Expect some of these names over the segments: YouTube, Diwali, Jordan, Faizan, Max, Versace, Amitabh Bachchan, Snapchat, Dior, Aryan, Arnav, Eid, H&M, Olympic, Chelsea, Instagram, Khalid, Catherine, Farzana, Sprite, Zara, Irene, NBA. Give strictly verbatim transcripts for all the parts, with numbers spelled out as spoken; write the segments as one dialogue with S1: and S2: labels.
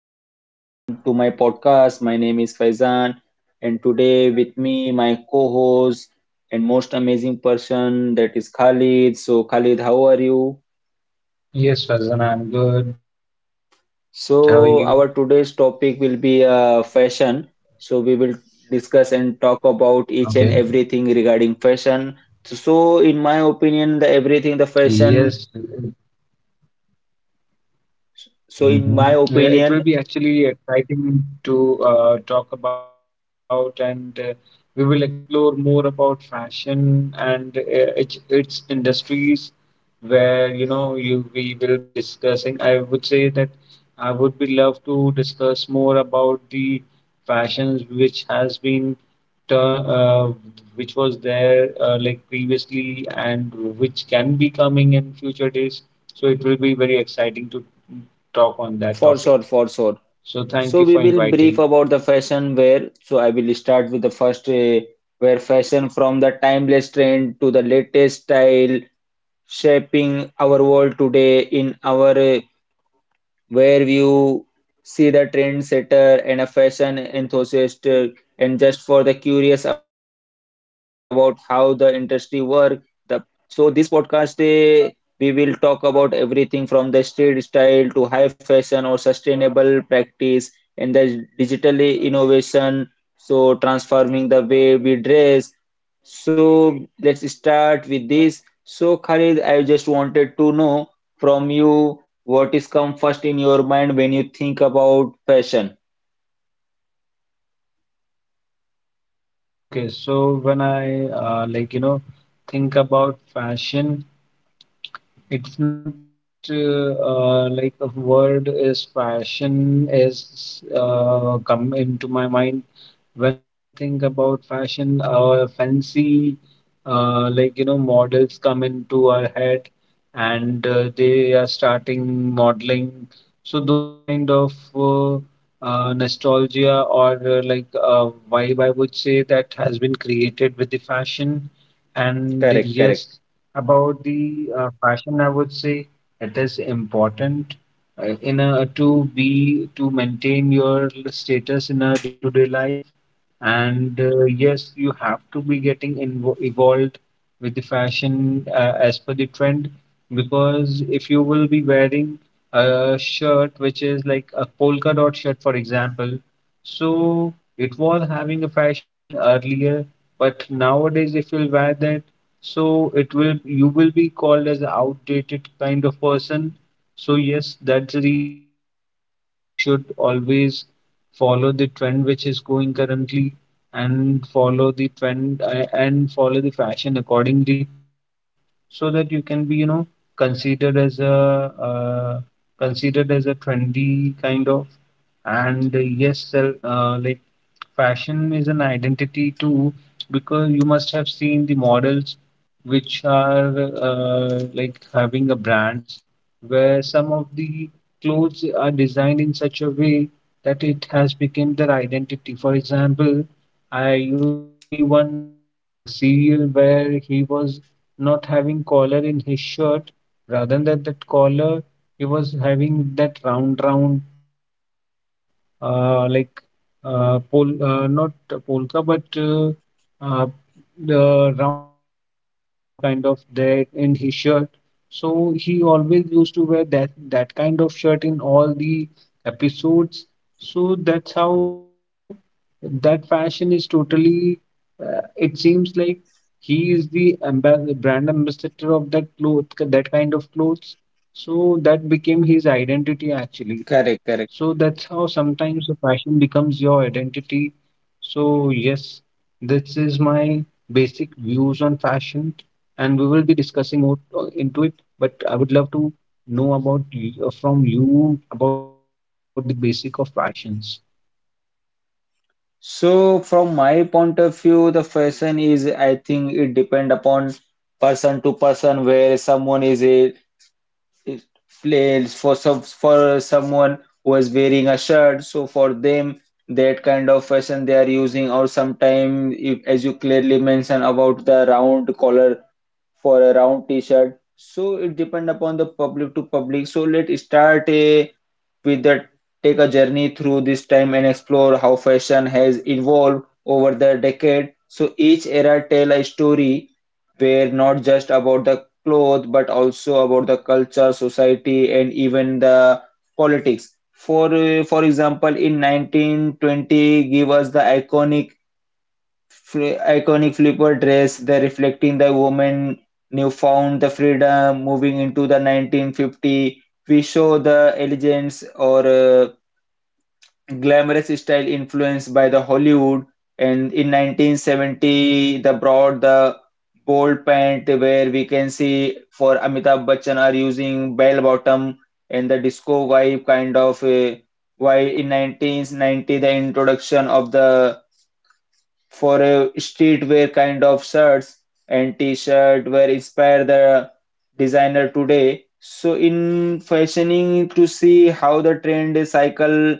S1: and welcome to my podcast. My name is Faizan, and today with me, my co host and most amazing person that is Khalid. So, Khalid, how are you?
S2: Yes, Farzana, I'm good. How are
S1: So,
S2: you?
S1: our today's topic will be uh, fashion. So, we will discuss and talk about each and
S2: Okay.
S1: everything regarding fashion. So, so, in my opinion, the everything the fashion.
S2: Yes.
S1: So, in
S2: Mhm.
S1: my
S2: Uh, It will
S1: opinion,
S2: be actually exciting to uh, talk about, and uh, we will explore more about fashion and uh, its, its industries, where you know you we will be discussing. I would say that I would be love to discuss more about the fashions which has been tur- uh, which was there uh, like previously and which can be coming in future days. So it will be very exciting to talk on that
S1: for
S2: topic.
S1: sure, for sure.
S2: So thank
S1: So
S2: you
S1: we
S2: for
S1: will brief
S2: inviting.
S1: about the fashion wear. So I will start with the first uh, where fashion from the timeless trend to the latest style shaping our world today in our uh, where you see the trendsetter and a fashion enthusiast uh, and just for the curious about how the industry work the so this podcast eh, we will talk about everything from the street style to high fashion or sustainable practice and the digital innovation, so transforming the way we dress. So let's start with this. So Khalid, I just wanted to know from you, what is come first in your mind when you think about fashion?
S2: Okay, so when I uh, like you know think about fashion, it's not just uh, uh, like a word is fashion is uh, come into my mind whenever I think about fashion, our fancy, uh, like you know, models come into our head, and uh, they are starting modeling. So those kind of uh, uh, nostalgia or uh, like uh, vibe, I would say that has been created with the fashion. And
S1: Correct,
S2: yes,
S1: correct,
S2: about the uh, fashion, I would say it is important uh, in a to be to maintain your status in a day-to-day life and uh, yes, you have to be getting invo- evolved with the fashion uh, as per the trend, because if you will be wearing a shirt which is like a polka dot shirt, for example, so it was having a fashion in earlier, but nowadays if you'll wear that, so it will you will be called as an outdated kind of person. So yes, that's the reason I believe that one should always follow the trend which is going currently and follow the trend uh, and follow the fashion accordingly to that, so that you can be you know considered as a uh, considered as a trendy kind of, and uh, yes sell, uh, like fashion is an identity too, because you must have seen the models which are uh, like having a brands where some of the clothes are designed in such a way that it has become their identity. For example, I used to see one a serial where he was not having collar in his shirt. Rather than that collar, he was having that round round type of uh, like uh, pol uh, not polka, but uh, uh, the round mm, uh, collar kind of there in his shirt. So he always used to wear that that kind of shirt in all the episodes. So that's how you know that fashion is totally. Uh, it seems like he is the amba- brand ambassador of that cloth, that kind of clothes. So that became his identity actually.
S1: correct, correct.
S2: So that's how sometimes the fashion becomes your identity. So, yes, this is my basic views on fashion, and we will be discussing more uh, into it. But I would love to know about y- uh, from you about the basic of fashions.
S1: So from my point of view, the fashion is, I think it depend upon person to person where someone is a is plays for some for someone who is wearing a shirt. So for them, that kind of fashion they are using, or sometime if, as you clearly mentioned about the round collar for a round t-shirt. So it depend upon the public to public. So let's start a with the take a journey through this time and explore how fashion has evolved over the decade. So each era tell a story where not just about the clothes but also about the culture, society, and even the politics. For uh, for example, in nineteen twenty, give us the iconic fl- iconic flipper dress, the reflecting the woman newfound the freedom moving into the nineteen fifty. We show the elegance or uh, glamorous style influenced by the Hollywood, and in nineteen seventy the brought the bold pant where we can see for Amitabh Bachchan are using bell bottom and the disco vibe kind of. Uh, while in nineteen ninety the introduction of the for a streetwear kind of shirts and t-shirt were inspire the designer today. So in fashioning to see how the trend cycle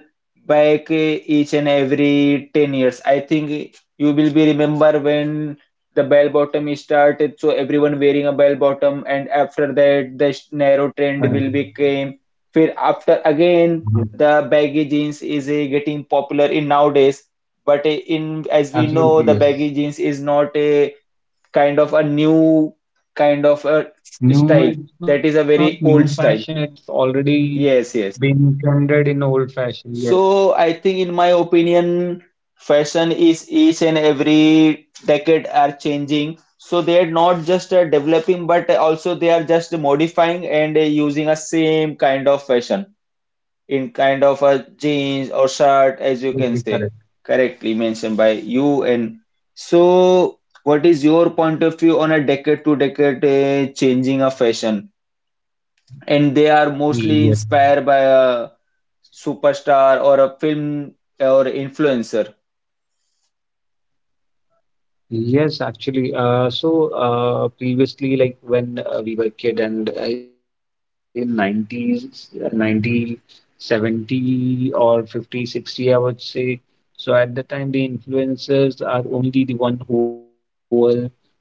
S1: back eh, each and every ten years. I think you will be remember when the bell bottom started, so everyone wearing a bell bottom, and after that the sh- narrow trend will
S2: Correct.
S1: became. Then after again the baggy
S2: Yes.
S1: jeans is eh, getting popular in nowadays, but uh, in as we know, the
S2: Absolutely,
S1: baggy
S2: yes.
S1: jeans is not a kind of a new kind of a s- style.
S2: New,
S1: That
S2: it's
S1: is a
S2: not
S1: very
S2: new
S1: old style.
S2: fashion, it's already
S1: Yes, yes.
S2: been trended in old fashion. Yes,
S1: So I think, in my opinion, fashion is each and every decade are changing. So they are not just uh, developing, but also they are just modifying and uh, using a same kind of fashion in kind of a jeans or shirt, as you can say,
S2: absolutely correct.
S1: correctly mentioned by you. And so, what is your point of view on a decade to decade uh, changing of fashion? And they are mostly inspired by
S2: Yes.
S1: a superstar or a film or influencer.
S2: Yes, actually. Uh, so uh, previously, like when uh, we were kid and uh, in nineties, uh, ninety, seventy or fifty, sixty, I would say. So at the time, the influencers are only the one who were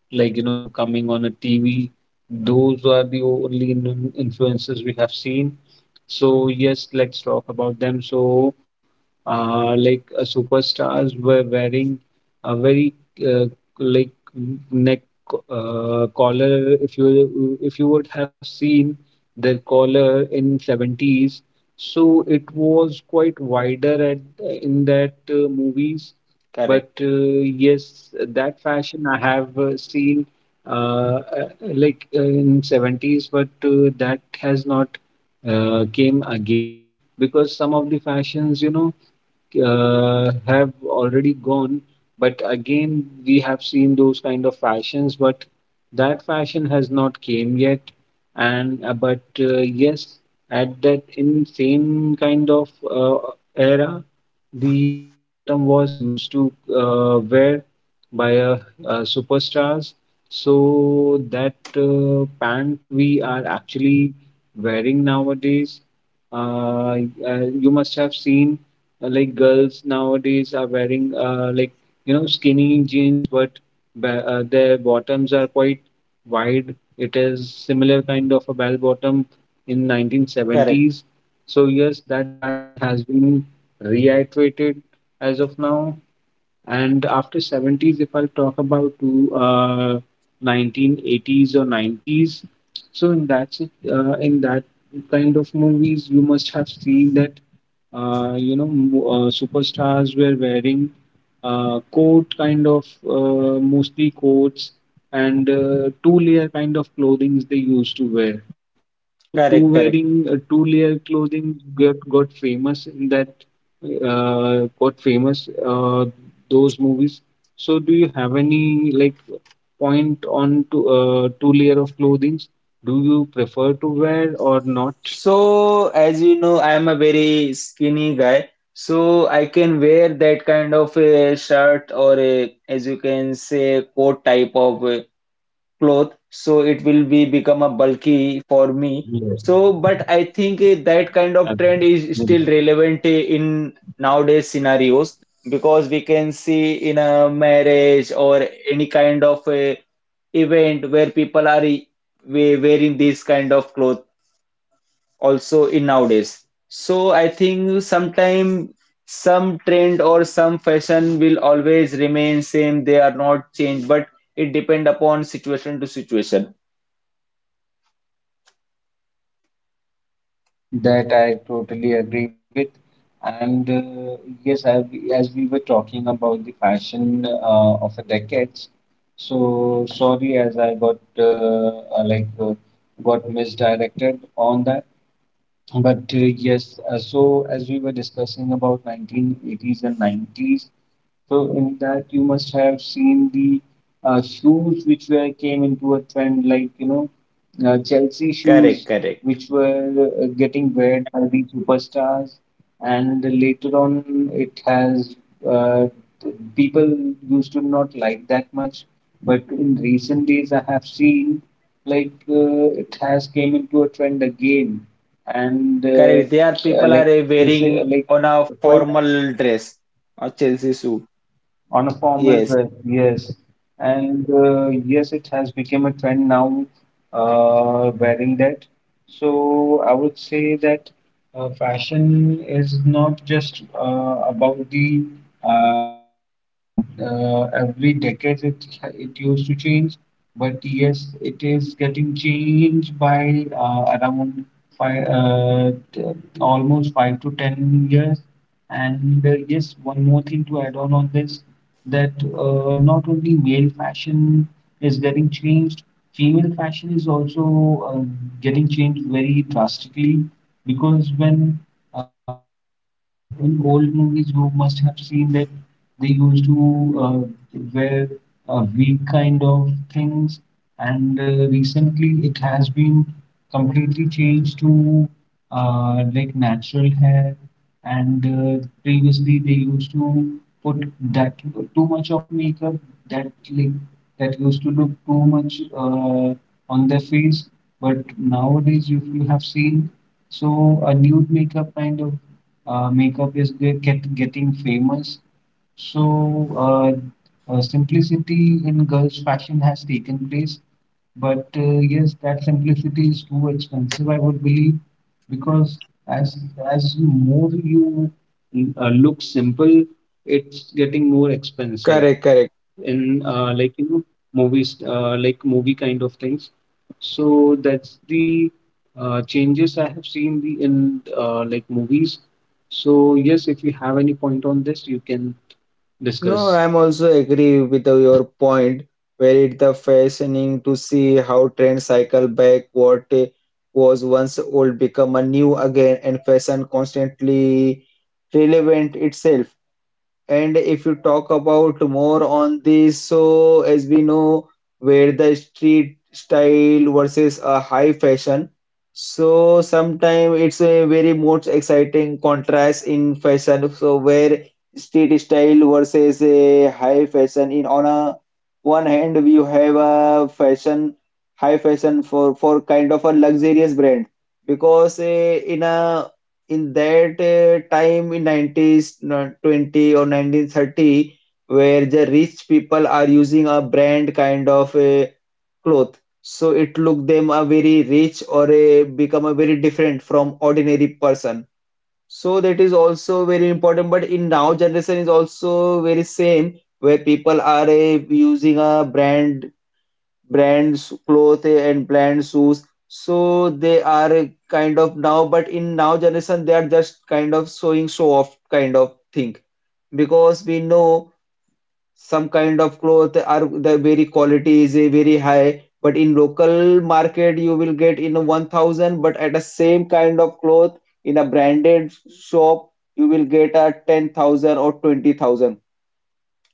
S2: like, you know, coming on a T V. Those are the only in- influencers we have seen. So yes, let's talk about them. So uh, like uh, superstars were wearing a very uh, like neck uh, collar. If you if you would have seen their collar in seventies, so it was quite wider at in that uh, movies.
S1: Correct,
S2: But uh, yes, that fashion I have uh, seen uh, uh, like uh, in seventies, but uh, that has not uh, came again, because some of the fashions you know uh, have already gone. But again, we have seen those kind of fashions, but that fashion has not came yet. And uh, but uh, yes, at that in same kind of uh, era, the bell bottom was used to uh, wear by uh, uh, superstars. So that uh, pant we are actually wearing nowadays, uh, uh, you must have seen uh, like girls nowadays are wearing uh, like you know skinny jeans, but ba- uh, their bottoms are quite wide. It is similar kind of a bell bottom in
S1: correct,
S2: nineteen seventies. So yes, that fashion has been reiterated as of now. And after seventies, if I'll talk about to uh, nineteen eighties or nineties, so in that sit- uh, in that kind of movies, you must have seen that uh, you know mo- uh, superstars were wearing uh, coat kind of, uh, mostly coats, and uh, two layer kind of clothing they used to wear. So two
S1: correct, correct.
S2: wearing uh, two layer clothing got, got famous in that uh, got famous uh, those movies. So do you have any like point on to uh, two layer of clothing? Do you prefer to wear or not?
S1: So, as you know, I am a very skinny guy, so I can wear that kind of a shirt or a, as you can say, coat type of a cloth. So it will be become a bulky for me.
S2: Yes,
S1: So, but I think eh, that kind of
S2: uh,
S1: trend is still
S2: maybe.
S1: relevant eh, in nowadays scenarios because we can see in a marriage or any kind of a event where people are eh, we- wearing these kind of clothes also in nowadays. So I think sometime some trend or some fashion will always remain same. They are not changed, but it depend upon situation to situation.
S2: That I totally agree with. And uh, yes, I as we were talking about the fashion uh, of the decades, so sorry, as I got uh, uh, like uh, got misdirected on that. But uh, yes, uh, so as we were discussing about nineteen eighties and nineties, so in that you must have seen the uh, shoes which were came into a trend, like you know, uh, Chelsea
S1: Correct,
S2: shoes,
S1: correct,
S2: which were uh, getting wear by the superstars, and later on it has uh, people used to not like that much, but in recent days I have seen like uh, it has came into a trend again, and uh,
S1: correct. There are
S2: uh,
S1: people are
S2: like
S1: uh,
S2: uh, say uh,
S1: wearing
S2: like
S1: on a
S2: quite
S1: formal dress or Chelsea suit.
S2: on a formal
S1: Yes,
S2: dress, yes, and uh, yes, it has become a trend now uh, wearing that. So I would say that uh, fashion is not just uh, about the uh, like uh, every decade it it used to change, but yes, it is getting changed by uh, around five uh, t- almost five to ten years. And uh, yes, one more thing to add on on this, that uh, not only male fashion is getting changed, female fashion is also uh, getting changed very drastically, because when uh, in, uh, like in old movies, you must have seen that they used to uh, wear uh, wig kind of things, and uh, recently it has been completely changed to uh, like natural hair, and uh, previously they used to put that too much of makeup, that like that used to look too much uh, on their face. But nowadays if you have seen, so a nude makeup kind of uh, makeup is get, get getting famous. So uh, uh, simplicity in girls fashion has taken place, but uh, yes, that simplicity is too expensive, I would believe, because as as more you uh, look simple, it's getting more expensive
S1: correct, correct.
S2: in uh, like you know movies, uh, like movie kind of things. So that's the uh, changes I have seen the in uh, like movies. So yes, if you have any point on this, you can
S1: No,
S2: discuss.
S1: I'm also agree with your point where it's the fascinating to see how trends cycle back, what was once old become a new again, and fashion constantly relevant itself. And if you talk about more on this, so as we know, where the street style versus a high fashion, so sometimes it's a very most exciting contrast in fashion. So where street style versus a high fashion, in on a one hand you have a fashion, high fashion for for kind of a luxurious brand because eh, in a in that uh, time in nineties uh, twenty or nineteen thirty where the rich people are using a brand kind of a cloth, so it look them a very rich or a become a very different from ordinary person. So that is also very important, but in now generation is also very same where people are uh, using a brand brands clothes and brand shoes, so they are kind of now, but in now generation they are just kind of showing show off kind of thing because we know some kind of cloth are the very quality is a very high, but in local market you will get in a one thousand, but at the same kind of cloth in a branded shop you will get a ten thousand or twenty thousand.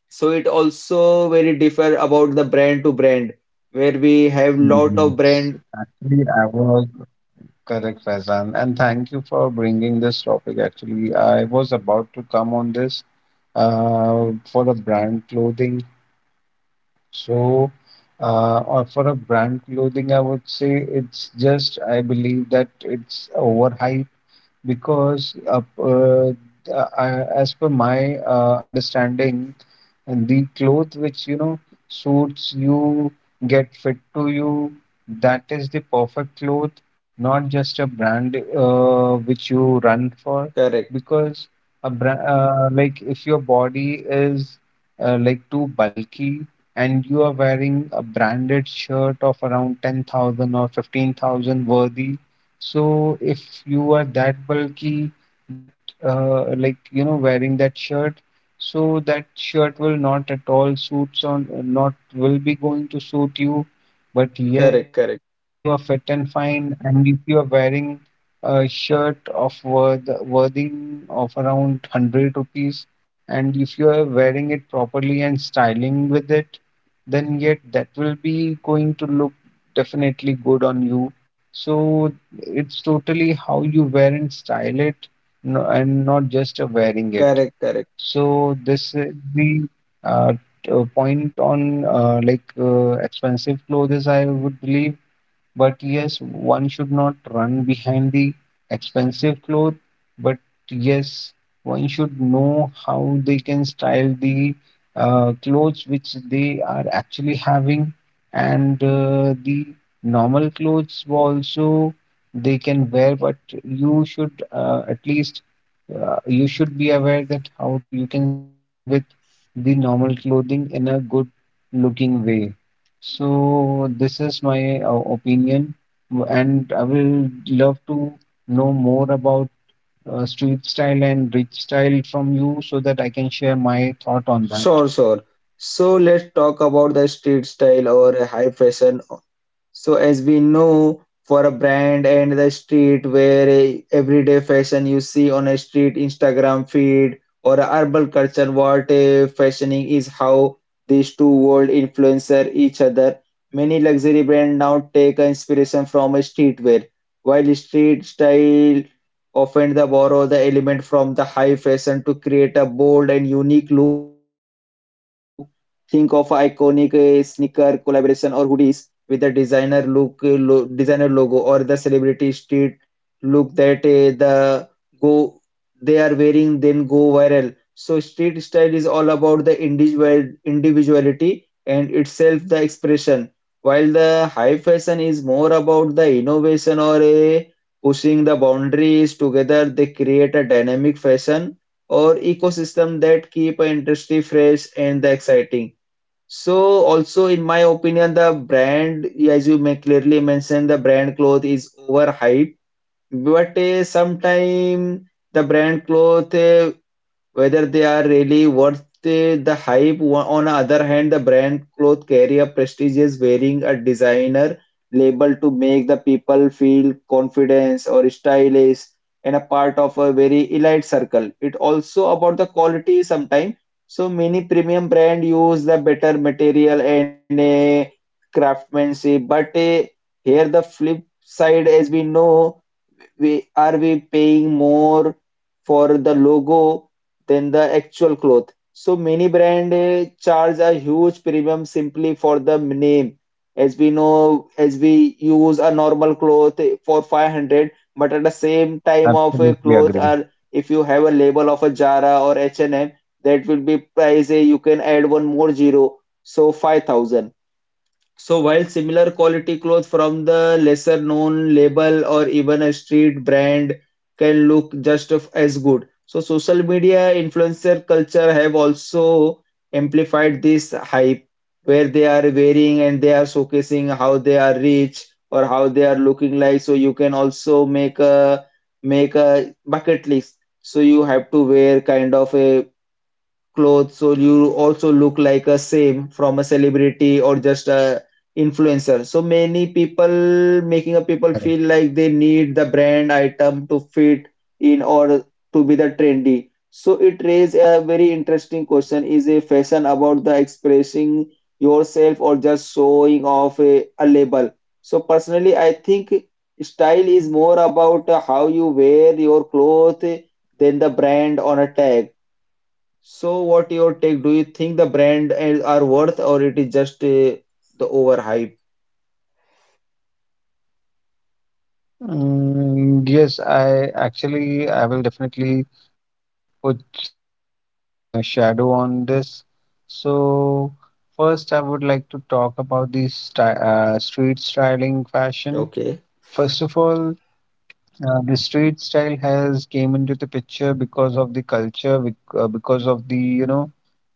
S1: So it also very differ about the brand to brand, where we have lot of
S2: Yes,
S1: brand.
S2: actually, I was correct, Faizan, and thank you for bringing this topic. Actually, I was about to come on this uh, for the brand clothing. So, uh, or for a brand clothing, I would say it's just, I believe that it's overhyped, because uh, uh, I- as per my uh, understanding, the cloth which you know suits you, get fit to you, that is the perfect cloth, not just a brand uh, which you run for.
S1: Correct,
S2: Because a brand, uh, like if your body is uh, like too bulky and you are wearing a branded shirt of around ten thousand or fifteen thousand worthy, so if you are that bulky, that uh, like you know wearing that shirt, so that shirt will not at all suits on, not will be going to suit you. But yes,
S1: correct, correct,
S2: if you are fit and fine, and if you are wearing a shirt of worth worthing of around one hundred rupees, and if you are wearing it properly and styling with it, then yet that will be going to look definitely good on you. So it's totally how you wear and style it, no, and not just uh, wearing it.
S1: correct, correct.
S2: So this is the uh, t- uh, point on uh, like uh, expensive clothes, I would believe. But yes, one should not run behind the expensive clothes. But yes, one should know how they can style the uh, clothes which they are actually having, and uh, the normal clothes also they can wear. But you should uh, at least uh, you should be aware that how you can style with the normal clothing in a good looking way. So this is my uh, opinion, w- and I will love to know more about uh, street style and rich style from you, so that I can share my thought on that.
S1: Sure, sure. So let's talk about the street style or a high fashion. So as we know, for a brand and the street where a everyday fashion you see on a street Instagram feed or a urban culture, what a fashioning is how these two world influencer each other. Many luxury brands now take a inspiration from a streetwear, while street style often the borrow the element from the high fashion to create a bold and unique look. Think of iconic eh, sneaker collaboration or hoodies with a designer look, uh, lo designer logo, or the celebrity street look that uh, the go they are wearing then go viral. So street style is all about the individual individuality and itself the expression, while the high fashion is more about the innovation or a pushing the boundaries together. They create a dynamic fashion or ecosystem that keep an industry fresh and the exciting. So also in my opinion, the brand, as you may clearly mentioned, the brand cloth is overhyped. But uh, sometime the brand cloth uh, whether they are really worth the the hype, wa- on the other hand, the brand clothes carry a prestigious wearing a designer label to make the people feel confidence or stylish and a part of a very elite circle. It also about the quality sometimes. So many premium brand use the better material and a craftsmanship, but eh, here the flip side, as we know we are we paying more for the logo than the actual cloth. So many brand eh, charge a huge premium simply for the name, as we know as we use a normal cloth eh, for five hundred, but at the same time of a
S2: Absolutely
S1: cloth
S2: agree.
S1: or if you have a label of a Zara or H and M, that will be price eh, you can add one more zero, so five thousand. So while similar quality clothes from the lesser known label or even a street brand can look just of- as good. So social media influencer culture have also amplified this hype where they are wearing and they are showcasing how they are rich or how they are looking like. So you can also make a make a bucket list. So you have to wear kind of a clothes so you also look like a same from a celebrity or just a influencer. So many people making a people feel like they need the
S2: Correct.
S1: brand item to fit in or to be the trendy. So it raises a very interesting question: is a fashion about the expressing yourself or just showing off a, a label? So personally I think style is more about how you wear your clothes than the brand on a tag. So what your take? Do you think the brand is- are worth or it is just uh, the overhype?
S2: Mm, yes, I actually I will definitely put some uh, shadow on this. So first, I would like to talk about the sty uh, street styling fashion.
S1: Okay.
S2: First of all, Uh, the street style has came into the picture because of the culture, bec- uh, because of the you know,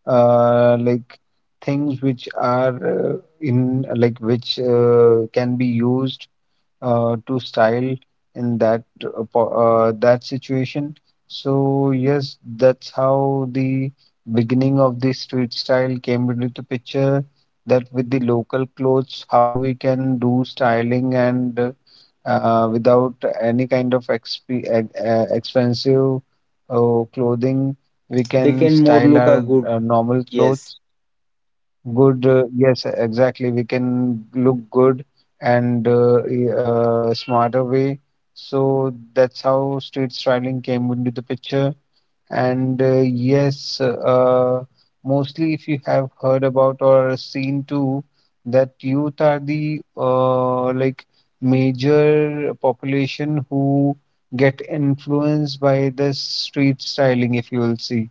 S2: uh, like things which are uh, in like which uh, can be used uh, to style in that uh, po- uh, that situation. So yes, that's how the beginning of the street style came into the picture. That with the local clothes, how we can do styling and uh, uh, without any kind of exp- uh, expensive uh, clothing, we
S1: They
S2: can
S1: can more
S2: style
S1: look a
S2: our
S1: good.
S2: uh, normal
S1: Yes.
S2: clothes. Good, uh, yes, exactly. We can look good and uh, e- uh, smarter way. So that's how street styling came into the picture. And uh, yes, uh, mostly if you have heard about or seen too, that youth are the uh, like major population who get influenced by this street styling, if you will see.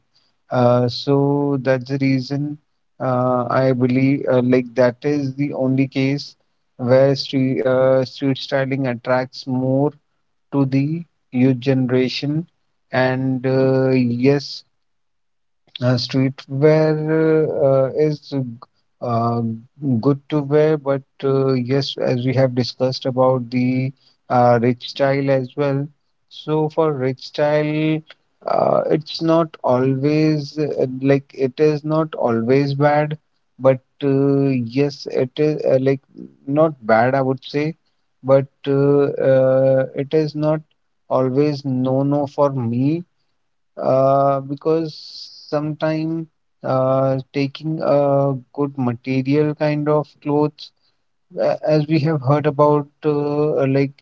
S2: Uh, so that's the reason uh, I believe uh, like that is the only case where street, uh, street styling attracts more to the youth generation. And uh, yes, uh, streetwear uh, is uh, good to wear, but uh, yes, as we have discussed about the uh, rich style as well. So for rich style, uh, it's not always uh, like it is not always bad, but uh, yes, it is uh, like not bad, I would say, but uh, uh, it is not always no no for me uh, because sometime uh, taking a good material kind of clothes, uh, as we have heard about, uh, like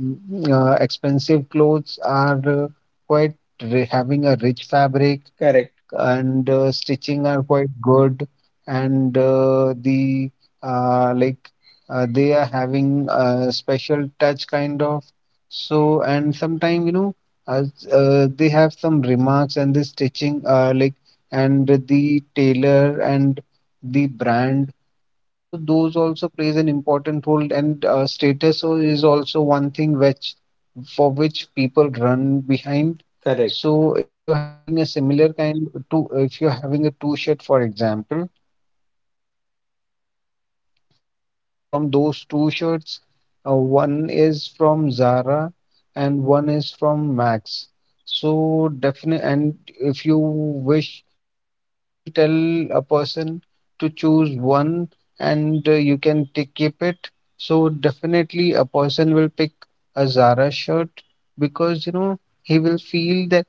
S2: mm, uh, expensive clothes are uh, quite ri- having a rich fabric
S1: Correct.
S2: and uh, stitching are quite good and uh, the uh, like uh, they are having a special touch kind of. So and sometimes you know uh, uh, they have some remarks and the stitching uh, like and the tailor and the brand, so those also plays an important role, and uh, status o- is also one thing which for which people run behind.
S1: Correct.
S2: So if you're having a similar kind, to if you're having a two shirt, for example, and from those two shirts, uh, one is from Zara and one is from Max. So definitely, and if you wish, like if you will tell a person to choose one and uh, you can take, keep it, so definitely a person will pick a Zara shirt because you know he will feel that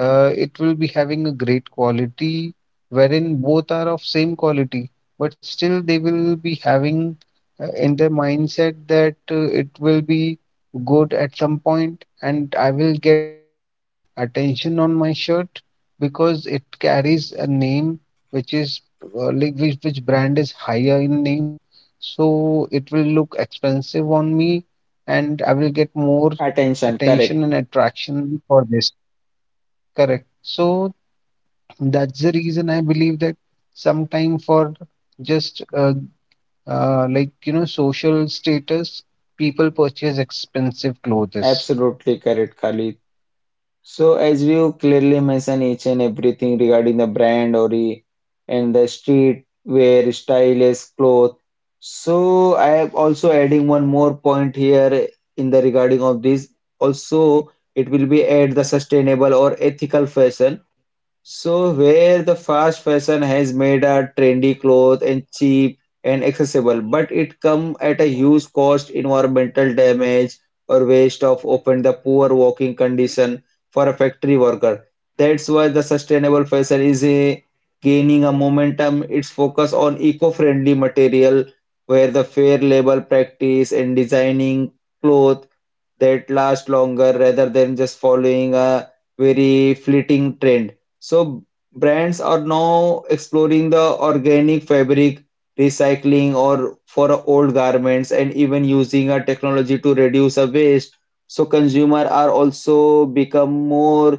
S2: uh, it will be having a great quality wherein both are of same quality but still they will be having uh, in their mindset that uh, it will be good at some point and I will get more attention on my shirt because it carries a name which is uh, like which, which brand is higher in name, so it will look expensive on me and I will get more
S1: Attention.
S2: attention
S1: Correct.
S2: and attraction for this. Correct. So that's the reason I believe that sometime for just uh, uh, like you know social status, people purchase expensive clothes.
S1: Absolutely correct, Khalid. So as you clearly mentioned each and everything regarding the brand or the and the street wear, stylish cloth. So I am also adding one more point here in the regarding of this. Also, it will be add the sustainable or ethical fashion. So where the fast fashion has made a trendy clothes and cheap and accessible, but it come at a huge cost, environmental damage or waste of often the poor working condition for a factory worker. That's why the sustainable fashion is a, gaining a momentum. Its focus on eco-friendly material where the fair labor practice and designing clothes that last longer rather than just following a very fleeting trend. So brands are now exploring the organic fabric, recycling or for old garments, and even using a technology to reduce a waste. So consumer are also become more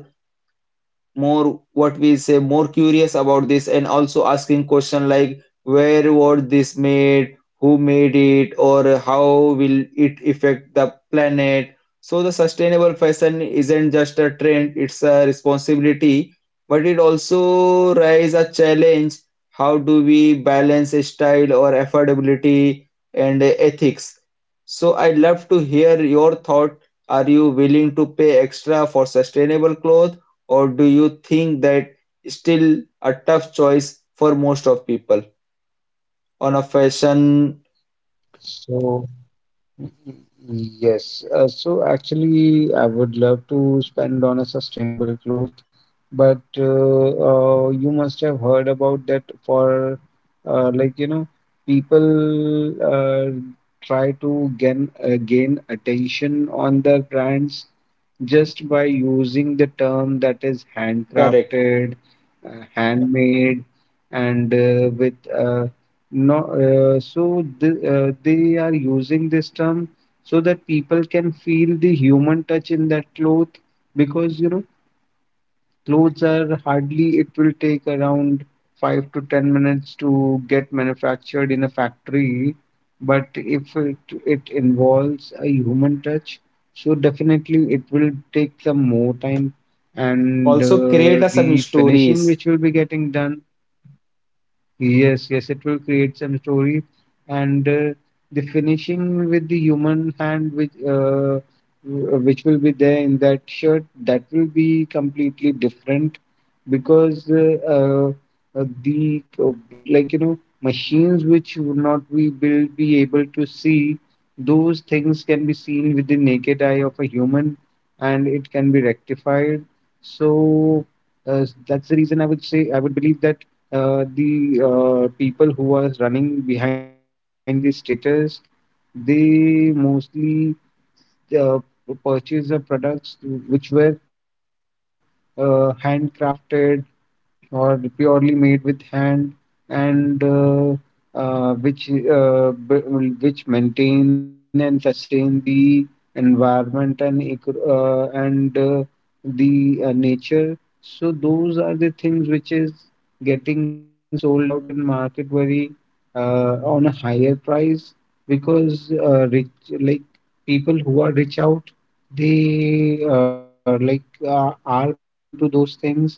S1: more what we say more curious about this, and also asking question like where was this made, who made it, or how will it affect the planet? So the sustainable fashion isn't just a trend, it's a responsibility, but it also raises a challenge. How do we balance style or affordability and ethics? So I'd love to hear your thought. Are you willing to pay extra for sustainable clothes, or do you think that still a tough choice for most of people on a fashion?
S2: So yes, uh, so actually, I would love to spend on a sustainable cloth, but uh, uh, you must have heard about that for uh, like you know, people uh, try to gain uh, gain attention on their brands just by using the term that is
S1: Correct.
S2: handcrafted, uh, handmade, and uh, with uh, no, uh, so th- uh, they are using this term so that people can feel the human touch in that cloth because you know clothes are hardly, it will take around five to ten minutes to get manufactured in a factory, but if it it involves a human touch, so definitely it will take some more time and
S1: Also create
S2: uh,
S1: a some
S2: the finishing
S1: stories.
S2: which will be getting done. Yes, yes, it will create some story, and uh, the finishing with the human hand, which uh, w- which will be there in that shirt, that will be completely different because uh, uh, uh, the uh, like you know machines which would not we will be able to see, those things can be seen with the naked eye of a human, and it can be rectified. So uh, that's the reason I would say I would believe that uh, the uh, people who are running behind the status, they mostly uh, purchase the products which were uh, handcrafted or purely made with hand, and uh, uh, which uh, b- which maintain and sustain the environment and eco- uh, and uh, the uh, nature, so those are the things which is getting sold out in market very uh, on a higher price, because uh, rich, like people who are rich out, they uh, like uh, are behind to those things.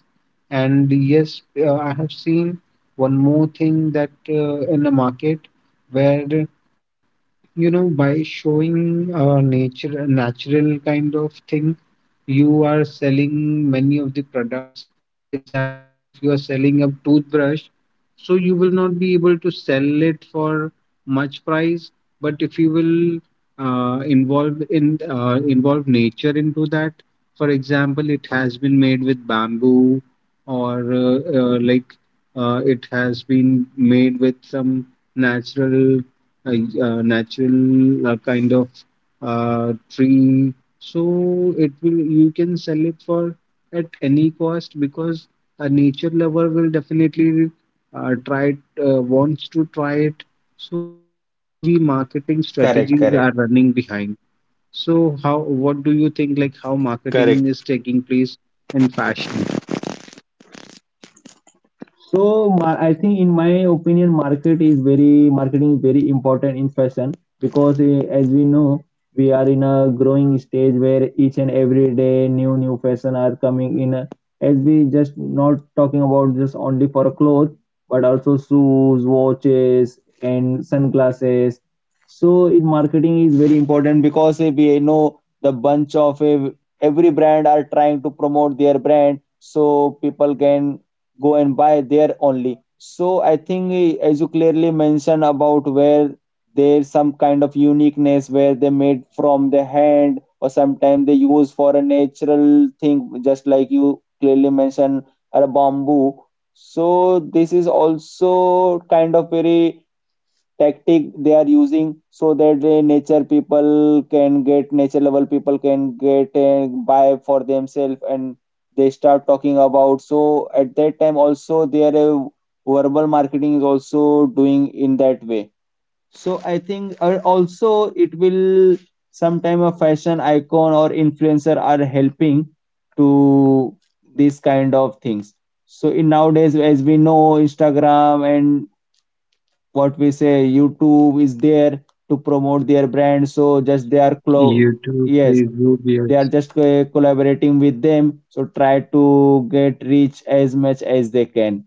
S2: And yes, uh, I have seen one more thing that uh, in the market where you know by showing uh, nature natural kind of thing, you are selling many of the products. For example, if you are selling a toothbrush, so you will not be able to sell it for much price. But if you will uh, involve in uh, involve nature into that, for example, it has been made with bamboo, or uh, uh, like uh, it has been made with some natural uh, y- uh, natural uh, kind of uh, tree, so it will you can sell it for at any cost because a nature lover will definitely uh, try it, uh, wants to try it. So that's how
S1: Correct,
S2: the
S1: correct.
S2: marketing strategies are running behind. So how, what do
S1: Correct.
S2: you think, like how marketing is taking place in fashion?
S1: So ma- I think in my opinion, market is very marketing is very important in fashion because eh, as we know, we are in a growing stage where each and every day new new fashion are coming in. As we just not talking about just only for clothes, but also shoes, watches, and sunglasses. So it, marketing is very important because eh, we know the bunch of eh, every brand are trying to promote their brand so people can go and buy there only. So I think eh, as you clearly mentioned about where there's some kind of uniqueness where they made from the hand, or sometimes they use for a natural thing just like you clearly mentioned a bamboo. So this is also kind of very tactic they are using so that the nature people can get, nature level people can get and buy for themselves, and they start talking about. So at that time also their uh, verbal marketing is also doing in that way. So I think uh, also it will sometime a fashion icon or influencer are helping to these kind of things. So in nowadays, as we know, Instagram and what we say YouTube is there to promote their brand, so just they are clo-
S2: YouTube,
S1: yes,
S2: Facebook,
S1: they are
S2: yes.
S1: just uh, collaborating with them so try to get reach as much as they can.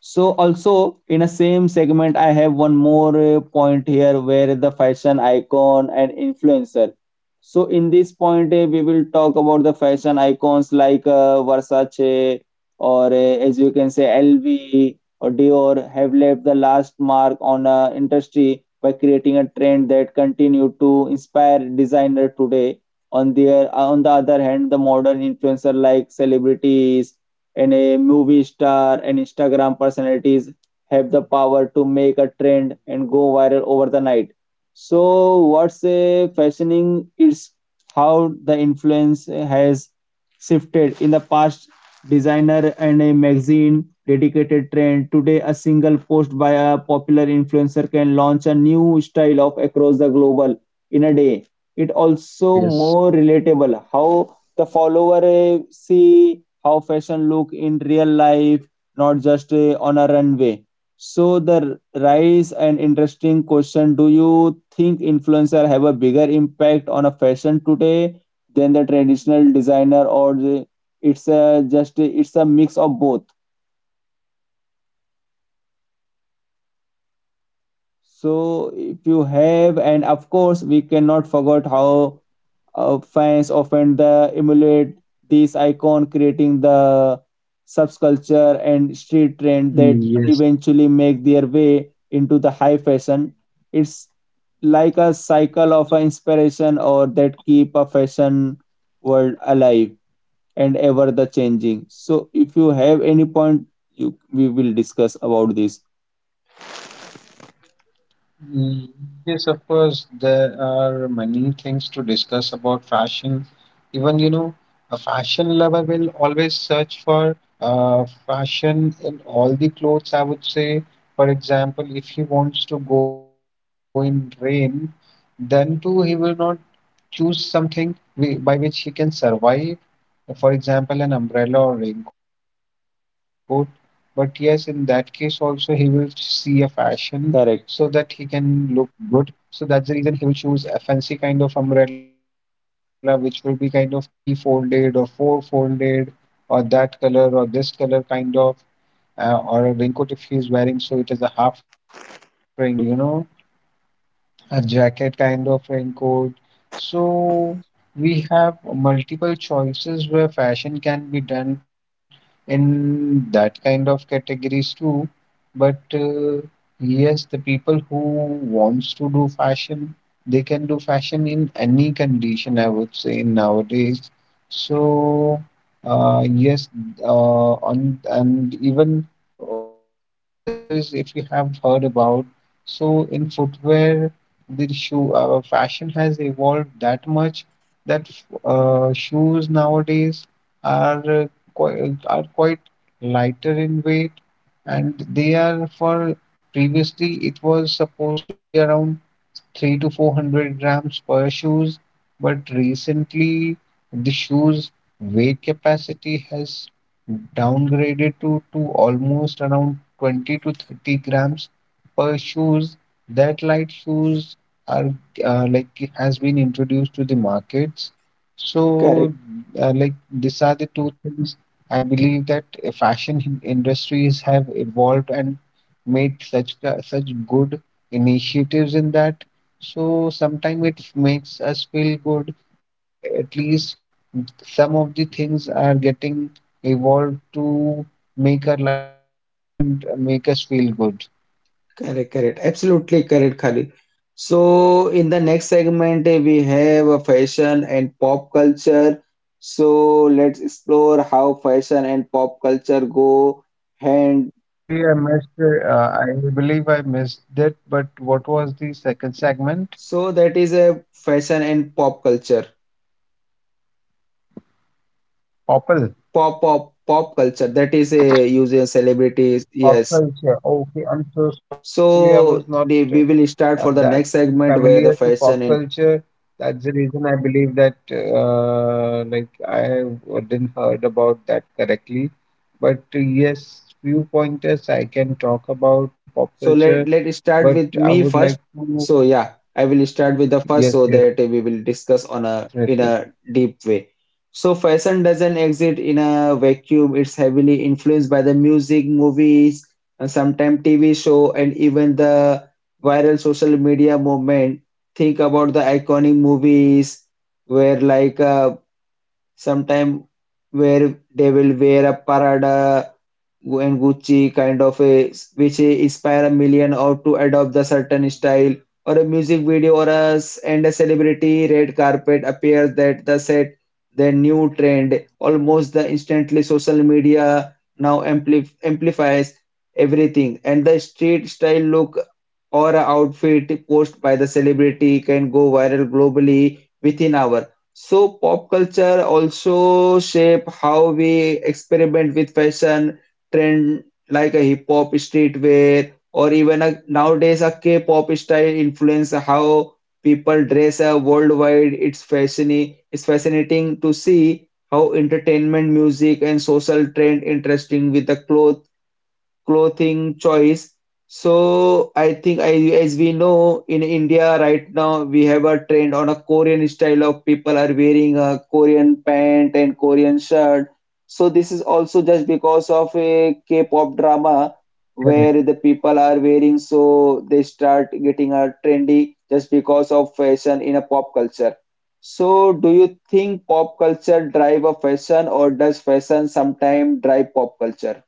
S1: So also in a same segment, I have one more uh, point here where the fashion icon and influencer. So in this point, uh, we will talk about the fashion icons like uh, Versace or uh, as you can say L V or Dior have left the last mark on uh, industry by creating a trend that continue to inspire designer today. On their on the other hand, the modern influencer like celebrities and a movie star and Instagram personalities have the power to make a trend and go viral over the night. So what's a fascinating is how the influence has shifted. In the past, designer and a magazine dedicated trend. Today, a single post by a popular influencer can launch a new style of across the global in a day. It also more
S2: Absolutely,
S1: relatable
S2: yes.
S1: how the follower eh, see how fashion look in real life, not just uh, on a runway. So the rise and interesting question, do you think influencer have a bigger impact on a fashion today than the traditional designer, or the, it's a just eh, it's a mix of both? So if you have, and of course, we cannot forget how uh, fans often the emulate this icon, creating the subculture and street trend
S2: Mm,
S1: that
S2: yes.
S1: eventually make their way into the high fashion. It's like a cycle of a inspiration or that keep a fashion world alive and ever the changing. So if you have any point, you we will discuss about this.
S2: Mm, yes, of course, there are many things to discuss about fashion. Even, you know, a fashion lover will always search for uh, fashion in all the clothes, I would say. For example, if he wants to go in rain, then too he will not choose something we, by which he can survive, for example, an umbrella or raincoat. But yes, in that case, also he will see a fashion
S1: Correct.
S2: so that he can look good. So that's the reason he will choose a fancy kind of umbrella, which will be kind of three folded or four folded, or that color or this color kind of, uh, or a raincoat if he is wearing. So it is a half raincoat, or you know, a jacket kind of raincoat. So we have multiple choices where fashion can be done in that kind of categories too. But uh, yes, the people who wants to do fashion, they can do fashion in any condition, I would say nowadays. So uh, yes, uh, on and even in footwear industries, if you have heard about, so in footwear the shoe our fashion has evolved that much that uh, shoes nowadays are uh, quite, are quite lighter in weight, and they are for, previously it was supposed to be around three to four hundred grams per shoes, but recently the shoes weight capacity has downgraded to, to almost around twenty to thirty grams per shoes. That light shoes are uh, like has been introduced to the markets. So uh, like these are the two things I believe that uh, fashion hin- industries have evolved and made such ca- such good initiatives in that, so sometimes it makes us feel good that at least some of the things are getting evolved to make our life easier and make us feel good.
S1: Correct, correct. Absolutely correct, Khalid. So in the next segment, eh, we have a fashion and pop culture. So let's explore how fashion and pop culture go hand.
S2: Sorry, I missed. Uh, I believe I missed it. But what was the second segment?
S1: So that is a fashion and pop culture.
S2: Popple.
S1: Pop, pop, pop culture. That is a user celebrities.
S2: Pop
S1: Yes.
S2: culture. Okay, I'm so sorry. Actually, I was
S1: So,
S2: not.
S1: the- we
S2: uh,
S1: will start
S2: uh,
S1: for the
S2: that
S1: next
S2: is
S1: segment where the
S2: familiar to
S1: fashion
S2: pop
S1: and,
S2: culture. That's the reason I believe that uh, like I didn't heard about that correctly. But uh, yes, few pointers I can talk about the pop
S1: so let
S2: culture,
S1: let start
S2: but
S1: with
S2: I
S1: me
S2: would
S1: first.
S2: like to.
S1: So yeah, I will start with the first
S2: Yes,
S1: so
S2: yes,
S1: that we will discuss on a in
S2: definitely.
S1: a deep way. So fashion doesn't exist in a vacuum. It's heavily influenced by the music, movies, and sometimes T V show, and even the viral social media movement. Think about the iconic movies where like uh, sometime where they will wear a parada and Gucci kind of a, which inspire a million or to adopt the certain style or a music video or a s- and a celebrity red carpet appears that the set the new trend almost the instantly. Social media now ampli- amplifies everything, and the street style look or a outfit posted by the celebrity can go viral globally within hour. So pop culture also shape how we experiment with fashion trend like a hip hop streetwear or even a, nowadays a K-pop style influence how people dress uh, worldwide. It's fascinating. It's fascinating to see how entertainment, music, and social trend interesting with the clothes clothing choice. So I think I, as we know in India right now we have a trend on a Korean style of people are wearing a Korean pant and Korean shirt. So this is also just because of a K-pop drama
S2: Correct.
S1: where the people are wearing so they start getting a trendy just because of fashion in a pop culture. So do you think pop culture drive a fashion, or does fashion sometimes drive pop culture?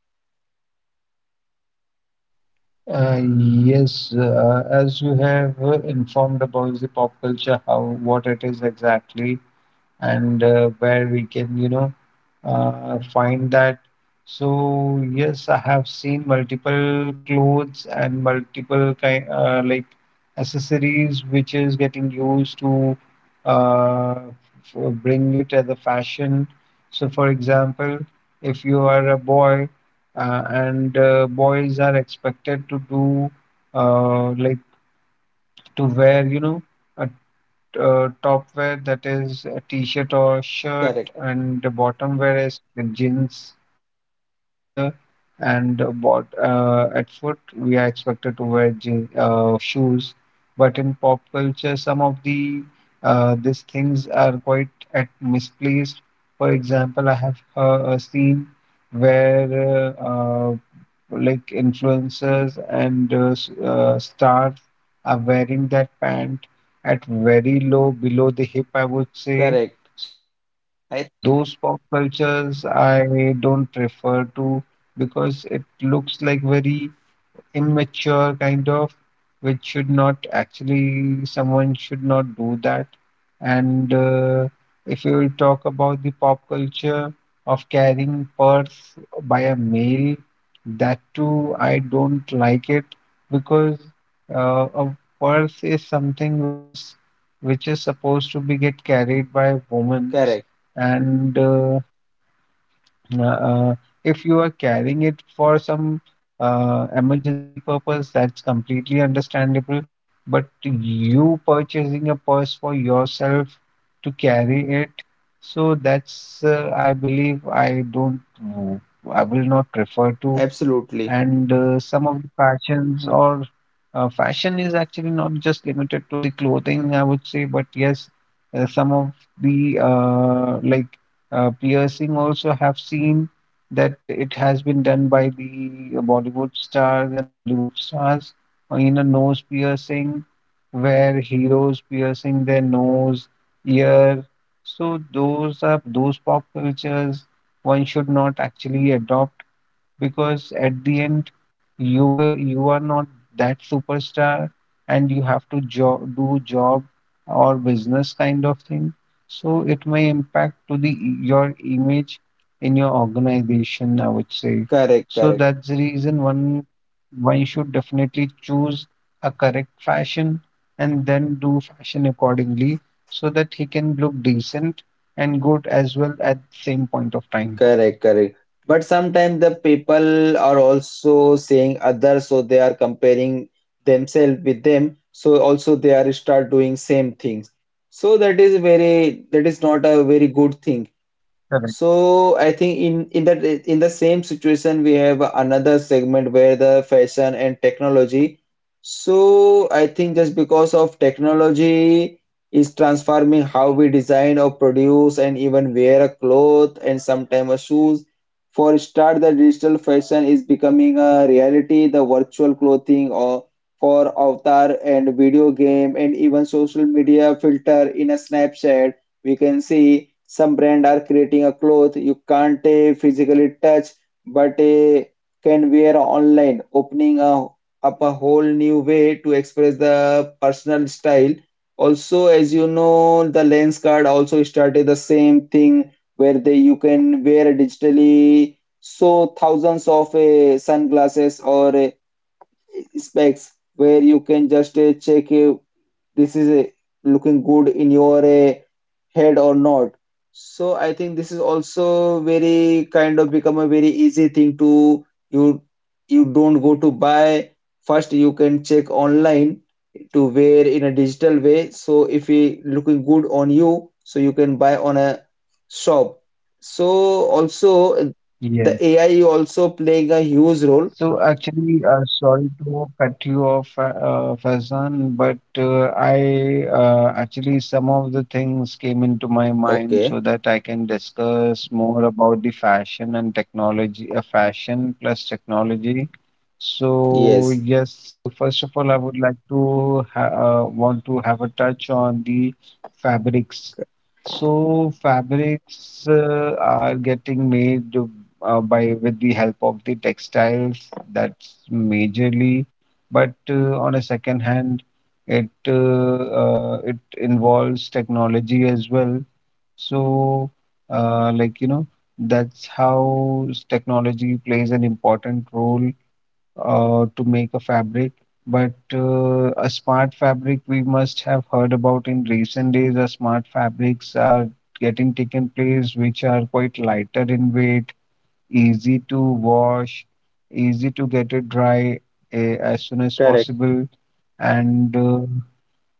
S2: Uh, yes, uh, as you have uh, informed about the pop culture, how what it is exactly, and uh, where we can, you know, uh, find that. So yes, I have seen multiple clothes and multiple kind uh, like accessories which is getting used to uh, f- bring it as a fashion. So for example, if you are a boy uh, and uh, boys are expected to do uh, like to wear, you know, a uh, top wear, that is a t-shirt or shirt,
S1: Correct.
S2: and the bottom wear is the jeans or trouser, and uh, bot uh, at foot we are expected to wear jean, uh, shoes, but in pop culture some of the uh, these things are quite at misplaced. For example, I have uh, seen where uh, uh, like influencers and uh, s- uh, stars are wearing that pant at very low below the hip, I would say.
S1: Correct.
S2: So
S1: I
S2: those pop cultures I don't prefer to because it looks like very immature kind of which should not actually, someone should not do that. And uh, if you will talk about the pop culture of carrying purse by a male, that too I don't like it because uh, a purse is something which is which is supposed to be get carried by women.
S1: correct,
S2: And uh, uh, uh, if you are carrying it for some uh, emergency purpose, that's completely understandable. But you purchasing a purse for yourself to carry it, so that's, uh, I believe, I don't, w- I will not prefer to.
S1: absolutely
S2: And uh, some of the fashions or uh, fashion is actually not just limited to the clothing, I would say, but yes, uh, some of the uh, like uh, piercing also have seen that it has been done by the Bollywood stars and Hollywood stars, uh, in a nose piercing, where heroes piercing their nose, ear. So those are those pop cultures one should not actually adopt because at the end you will you are not that superstar and you have to jo- do job or business kind of thing, so it may impact to the e, your image in your organization, I would say.
S1: correct,
S2: So
S1: correct,
S2: that's the reason one one should definitely choose a correct fashion and then do fashion accordingly so that he can look decent and good as well at the same point of time.
S1: correct, correct. But sometimes the people are also saying others, so they are comparing themselves with them, so also they are start doing same things. So that is very, that is not a very good thing.
S2: Correct.
S1: So I think in in that in the same situation we have another segment where the fashion and technology. So I think just because of technology is transforming how we design or produce and even wear a cloth and sometimes a shoes. For start, the digital fashion is becoming a reality. The virtual clothing or for avatar and video game and even social media filter in a Snapchat, we can see some brand are creating a cloth you can't uh, physically touch, but uh, can wear online, opening a, up a whole new way to express the personal style. Also, as you know, the lens card also started the same thing where they you can wear digitally, so thousands of uh, sunglasses or uh, specs where you can just uh, check uh, this is a, looking good in your uh, head or not. So I think this is also very kind of become a very easy thing to you, you don't go to buy, first you can check online to wear in a digital way, so if it looking good on you, so you can buy on a shop. So also uh,
S2: Yes.
S1: the A I also playing a huge role.
S2: So actually, uh, sorry to cut you off, uh, uh, Faizan, but uh, I uh, actually some of the things came into my mind
S1: Okay.
S2: so that I can discuss more about the fashion and technology, uh, fashion plus technology. So
S1: Yes.
S2: yes, uh, first of all, I would like to ha uh, want to have a touch on the fabrics. So fabrics uh, are getting made uh, by with the help of the textiles. That's majorly, but uh, on a second hand, it uh, uh, it involves technology as well. So uh, like you know, that's how s- technology plays an important role uh, to make a fabric. But uh, a smart fabric, we must have heard about in recent days. Uh, smart fabrics are getting taken place, which are quite lighter in weight, easy to wash, easy to get it dry uh, as soon as
S1: Correct.
S2: possible, and uh,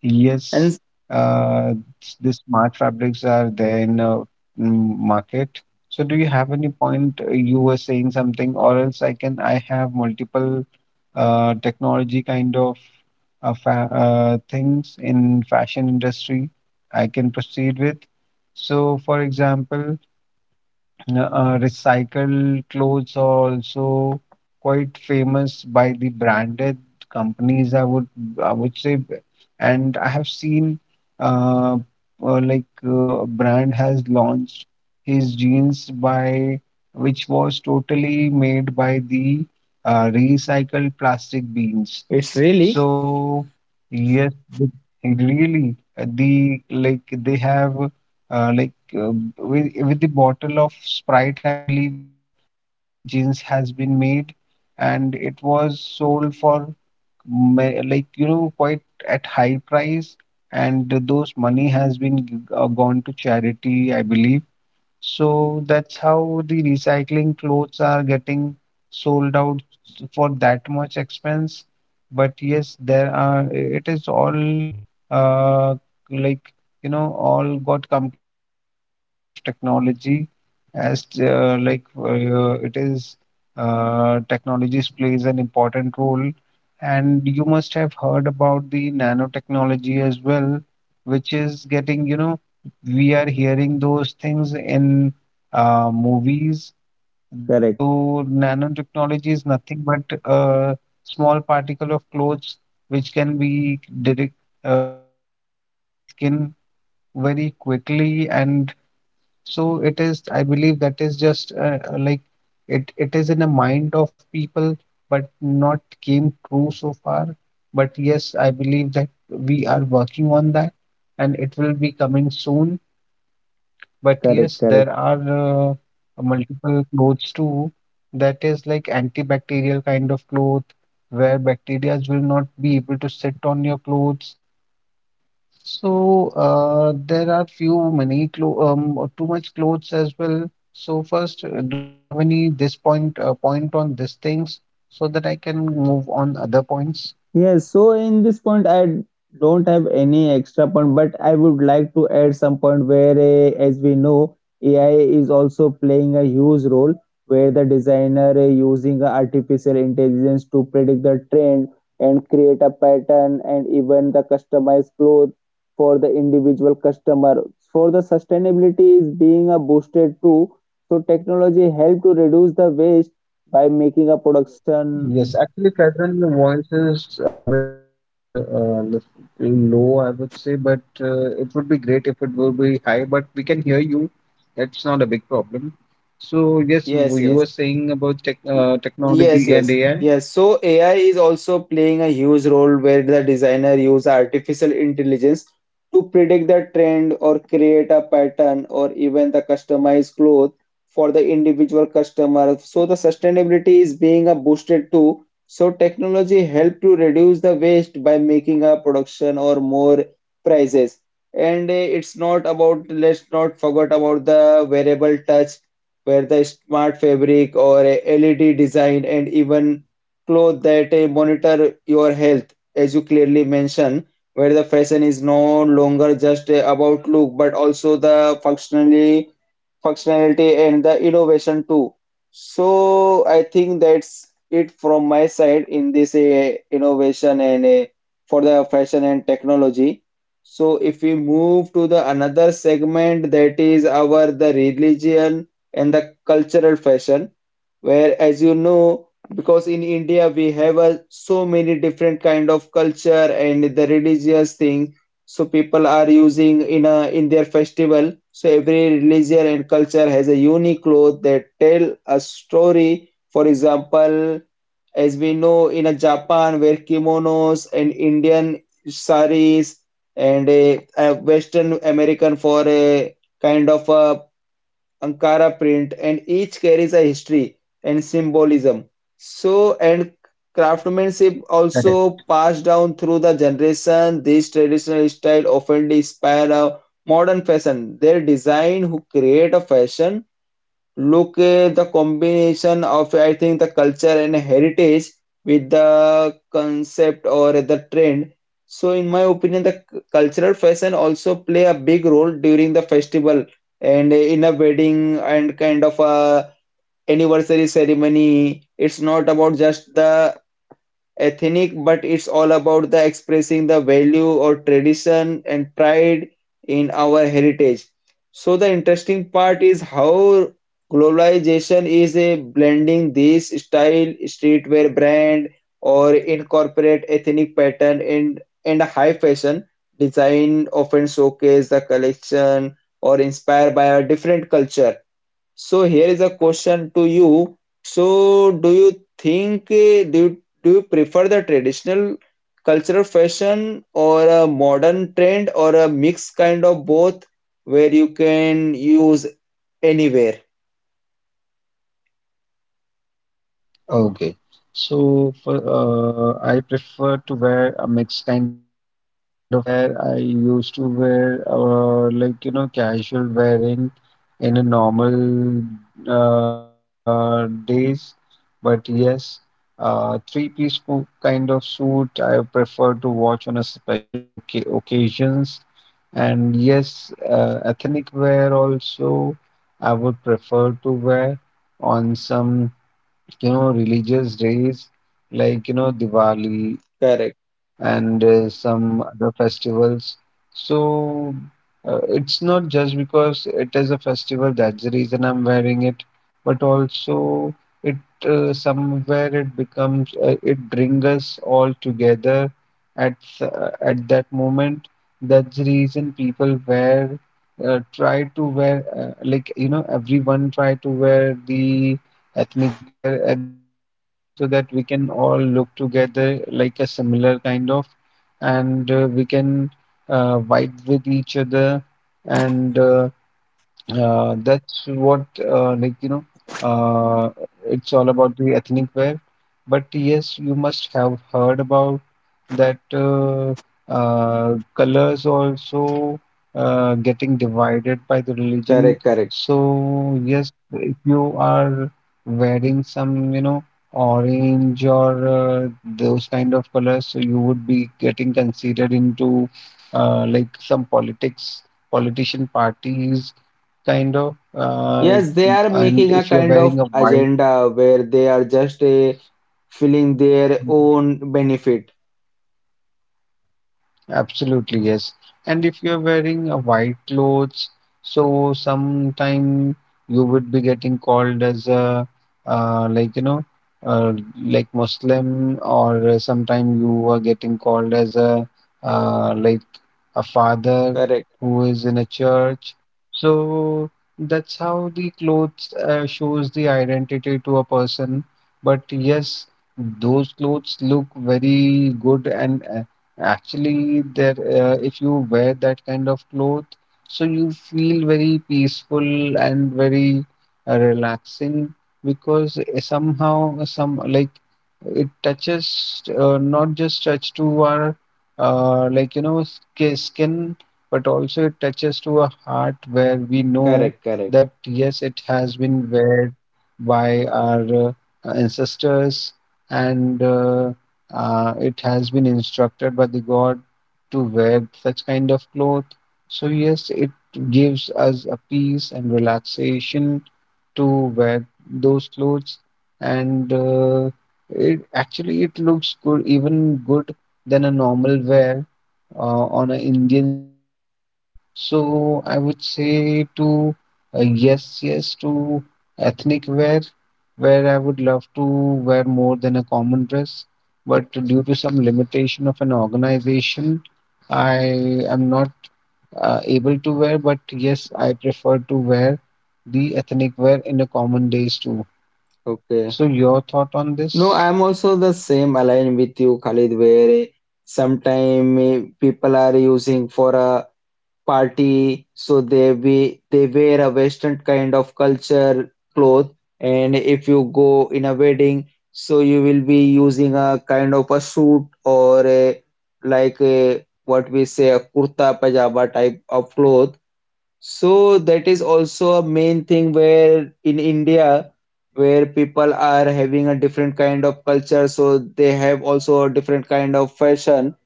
S2: yes,
S1: And
S2: uh, s- the smart fabrics are there in uh, mm, market. So do you have any point, uh, you were saying something, or else I can, I have multiple uh, technology kind of uh, fa uh, things in fashion industry I can proceed with. So for example, uh, recycled clothes are also quite famous by the branded companies, i would i would say b- and I have seen uh, uh like uh, a brand has launched his jeans by which was totally made by the uh, recycled plastic beans.
S1: it's really
S2: So yes, the- really, uh, the like they have uh, like uh, with with the bottle of Sprite, I believe that complete jeans has been made, and it was sold for ma- like you know, quite at high price, and those money has been g- uh, gone to charity, I believe. So that's how the recycling clothes are getting sold out for that much expense. But yes, there are, it is all uh, like, you know, all got completed just with the help of technology. As uh, like uh, it is, uh, technologies plays an important role. And you must have heard about the nanotechnology as well, which is getting, you know, we are hearing those things in uh, movies.
S1: correct,
S2: So nanotechnology is nothing but a small particle of clothes which can be direct, uh, which can cover our skin very quickly. And so it is, I believe that is just uh, uh, like it, it is in the mind of people, but not came true so far. But yes, I believe that we are working on that and it will be coming soon, but
S1: correct,
S2: yes, there
S1: correct.
S2: are uh, multiple clothes too that is like antibacterial kind of cloth where bacteria will not be able to sit on your clothes. So uh, there are few many clo um or too much clothes as well. So first, uh, do you have any this point, uh, point on these things so that I can move on other points?
S1: Yes, so in this point, I don't have any extra point, but I would like to add some point where, eh, as we know, A I is also playing a huge role where the designer eh, using artificial intelligence to predict the trend and create a pattern and even the customized clothes for the individual customer. For the sustainability is being a boosted too. So technology help to reduce the waste by making a production.
S2: Yes, actually, Catherine, your voice is a bit uh, uh, lis- low, I would say, but uh, it would be great if it will be high, but we can hear you. That's not a big problem. So, yes, you,
S1: Yes,
S2: you
S1: yes.
S2: were saying about tech,
S1: Y-
S2: uh,
S1: Yes,
S2: technology and
S1: yes,
S2: A I.
S1: yes. So A I is also playing a huge role where the designer use artificial intelligence to predict the trend or create a pattern or even the customized cloth for the individual customer. So the sustainability is being a boosted too. So technology help to reduce the waste by making a production or more prices. And eh, it's not about, let's not forget about the wearable touch where the smart fabric or a L E D design and even clothes that uh, monitor your health, as you clearly mentioned, where the fashion is no longer just uh, about look but also the functionally functionality and the innovation too. So I think that's it from my side in this uh, innovation and uh, for the fashion and technology. So if we move to the another segment, that is our the religion and the cultural fashion, where as you know, because in India we have a, so many different kind of culture and the religious thing, so people are using in a in their festival. So every religion and culture has a unique cloth that tell a story. For example, as we know in a Japan where kimonos and Indian saris, and a, a Western American for a kind of a Ankara print, and each carries a history and symbolism. So, and craftsmanship
S2: Correct.
S1: also passed down through the generation. This traditional style often inspire a modern fashion. Their design who create a fashion look at the combination of I think the culture and heritage with the concept or the trend. So in my opinion, the c- cultural fashion also play a big role during the festival and in a wedding and kind of a anniversary ceremony. It's not about just the ethnic, but it's all about the expressing the value or tradition and pride in our heritage. So the interesting part is how globalization is a blending this style, streetwear brand, or incorporate ethnic pattern in and high fashion design often showcase the collection or inspired by a different culture, so here is a question to you. So do you think eh, do you, do you prefer the traditional cultural fashion or a modern trend or a mixed kind of both where you can use anywhere?
S2: Okay. So for uh, I prefer to wear a mixed kind of clothes where I used to wear uh, like you know, casual wearing in a normal uh, days. But yes, uh, three-piece co- kind of suit I prefer to watch on a special voca occasions. And yes, uh, ethnic wear also I would prefer to wear on some, you know, religious days, like you know, Diwali, Eid,
S1: Correct,
S2: and uh, some other festivals. So uh, it's not just because it is a festival that's the reason I'm wearing it, but also it uh, somewhere it becomes, uh, it brings us all together at s- uh, at that moment. That's the reason people wear, uh, try to wear, uh, like you know, everyone try to wear the ethnic wear at that point of time so that we can all look together like a similar kind of, and uh, we can uh, vibe with each other, and uh, uh, that's what, uh, like, you know, uh, it's all about the ethnic wear. But yes, you must have heard about that uh, uh, colors also uh, getting divided by the religion.
S1: correct, correct.
S2: So, yes, if you are wearing some, you know, orange or uh, those kind of colors, so you would be getting considered into uh, like some politics, politician parties kind of. Uh,
S1: Yes, they are
S2: and
S1: making a
S2: if you're
S1: kind of
S2: wearing a white —
S1: agenda where they are just uh, feeling their own benefit.
S2: absolutely, yes. And if you're wearing a white clothes, so sometime you would be getting called as a uh, like you know uh, like Muslim, or uh, sometime you are getting called as a uh, like a father
S1: Correct,
S2: who is in a church. So that's how the clothes uh, shows the identity to a person. But yes, those clothes look very good, and uh, actually, there uh, if you wear that kind of cloth, so you feel very peaceful and very uh, relaxing because eh, somehow some like it touches, uh, not just touch to our uh, like you know sk- skin, but also it touches to a heart where we know
S1: correct, correct.
S2: that yes, it has been wear by our uh, ancestors and. Uh, uh, it has been instructed by the god to wear such kind of cloth, so yes, it gives us a peace and relaxation to wear those clothes, and uh, it actually, it looks good even good than a normal wear uh, on an Indian skin tone. So I would say to uh, yes, yes to ethnic wear, where I would love to wear more than a common dress, but due to some limitation of an organization, I am not uh, able to wear, but yes, I prefer to wear the ethnic wear in the common days too.
S1: Okay.
S2: So your thought on
S1: No,
S2: this?
S1: I'm also the same aligned with you, Khalid, where sometimes people are using for a party, so they be they wear a Western kind of culture cloth, and if you go in a wedding, so you will be using a kind of a suit or a like a what we say a kurta pajama type of cloth, so that is also a main thing where in India, where people are having a different kind of culture, so they have also a different kind of fashion,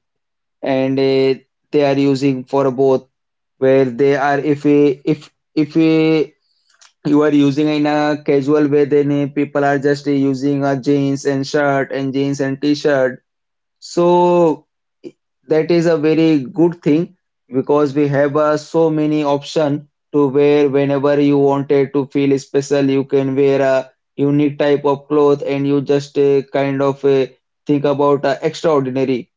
S1: and eh, they are using for both. Where they are, if we, if if we, you are using in a casual way, then eh, people are just eh, using a jeans and shirt and jeans and t-shirt. So that is a very good thing because we have uh, so many option to wear whenever you wanted to feel special. You can wear a unique type of cloth and you just uh, kind of uh, think about uh, extraordinary.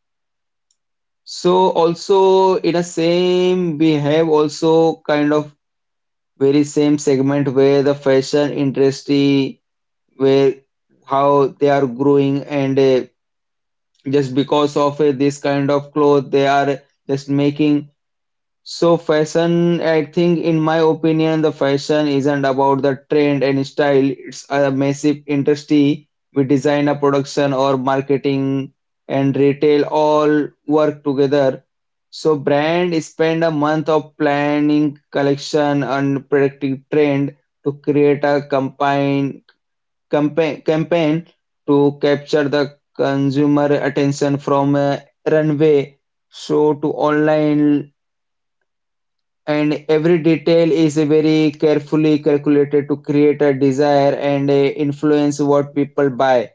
S1: So also in a same we have also kind of very same segment where the fashion industry where how they are growing and uh, just because of uh, this kind of cloth they are just making. So fashion, I think in my opinion the fashion isn't about the trend and style, it's a massive industry. We design a production or marketing and retail all work together, so brand spend a month of planning collection and predicting trend to create a campaign campa- campaign to capture the consumer attention from a runway show to online, and every detail is very carefully calculated to create a desire and uh, influence what people buy.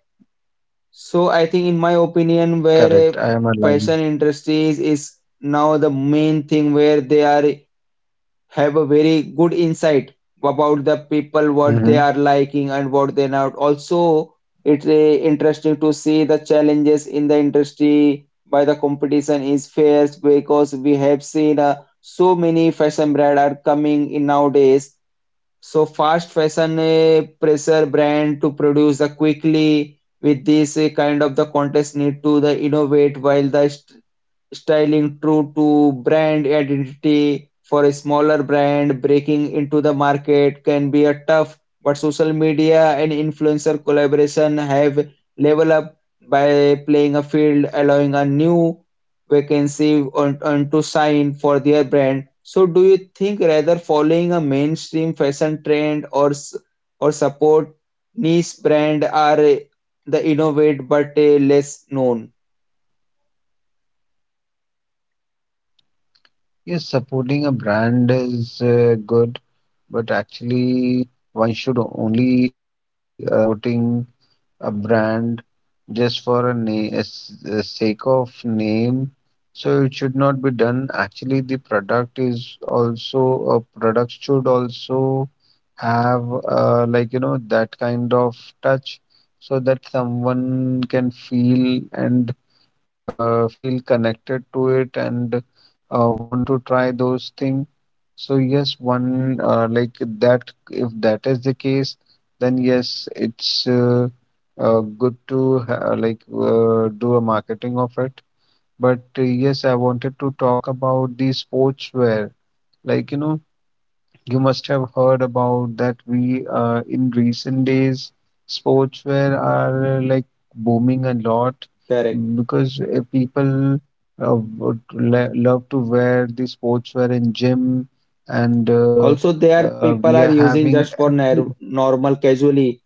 S1: So I think in my opinion where uh,
S2: Correct, I am aligned.
S1: fashion industries is now the main thing where they are have a very good insight about the people what they are liking and what they're not. Also it's a interesting to see the challenges in the industry by the competition is fierce because we have seen uh, so many fashion brand are coming in nowadays. So fast fashion uh, pressure brand to produce uh, quickly with this uh, kind of the contest need to the innovate, while the styling true to brand identity for a smaller brand breaking into the market can be a tough, but social media and influencer collaboration have leveled up by playing a field, allowing a new vacancy on, on to sign for their brand. So, do you think rather following a mainstream fashion trend or s- or support niche brand are uh, the innovate but uh, less known?
S2: Yes, supporting a brand is uh, good, but actually, one should only uh, supporting a brand just for a name, as the sake of name. So it should not be done. Actually, the product is also a product should also have uh, like you know, that kind of touch, so that someone can feel and uh, feel connected to it and uh, want to try those things. So yes, one uh, like that. If that is the case, then yes, it's uh, uh, good to ha like uh, do a marketing of it. But uh, yes, I wanted to talk about the sportswear. Like you know, you must have heard about that we uh, in recent days sportswear are uh, like booming a lot
S1: Correct.
S2: because uh, people uh, would le love to wear the sportswear in gym and uh,
S1: Also, there
S2: uh,
S1: people
S2: we
S1: are
S2: are
S1: using
S2: having
S1: just for
S2: every —
S1: nar- normal casually.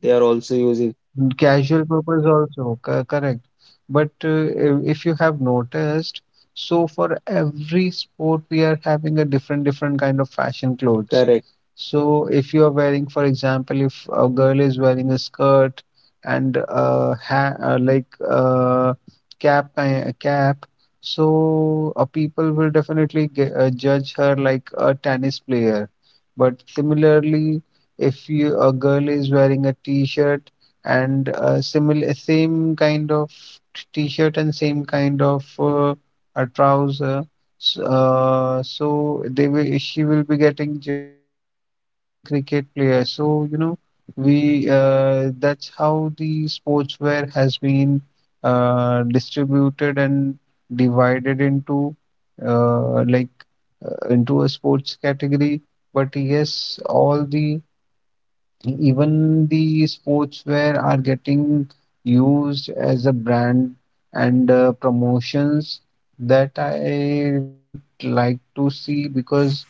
S1: They are also using.
S2: mm, casual purpose also, co- correct. But uh, i- if you have noticed, so for every sport we are having a different different kind of fashion clothes.
S1: Correct.
S2: So if you are wearing, for example, if a girl is wearing a skirt and uh, ha uh, like uh, cap ki- a cap, so uh, people will definitely ge- uh, judge her like a tennis player. But similarly, if you, a girl is wearing a t-shirt and uh, similar same kind of t-shirt and same kind of uh, a trouser. S- Uh, so they will she will be getting judged uh, as a cricket player. So you know, we uh, that's how the sportswear has been uh, distributed and divided into uh, like uh, into a sports category. But yes, all the E-, even the sportswear are getting used as a brand and uh, promotions, that I don't like to see, because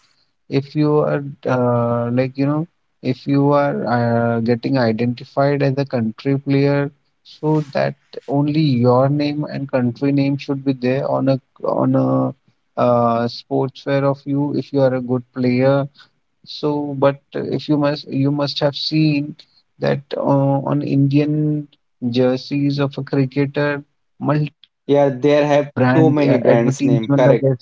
S2: if you are uh, like you know, if you are uh, getting identified as a country player, so that only your name and country name should be there on a on a uh, sportswear of you if you are a good player. So, but uh, if you must, you must have seen that uh, on Indian jerseys of a cricketer,
S1: Yeah,
S2: multiple
S1: there have too
S2: brand
S1: many
S2: uh,
S1: brands name.
S2: advertisement are
S1: Correct.
S2: there.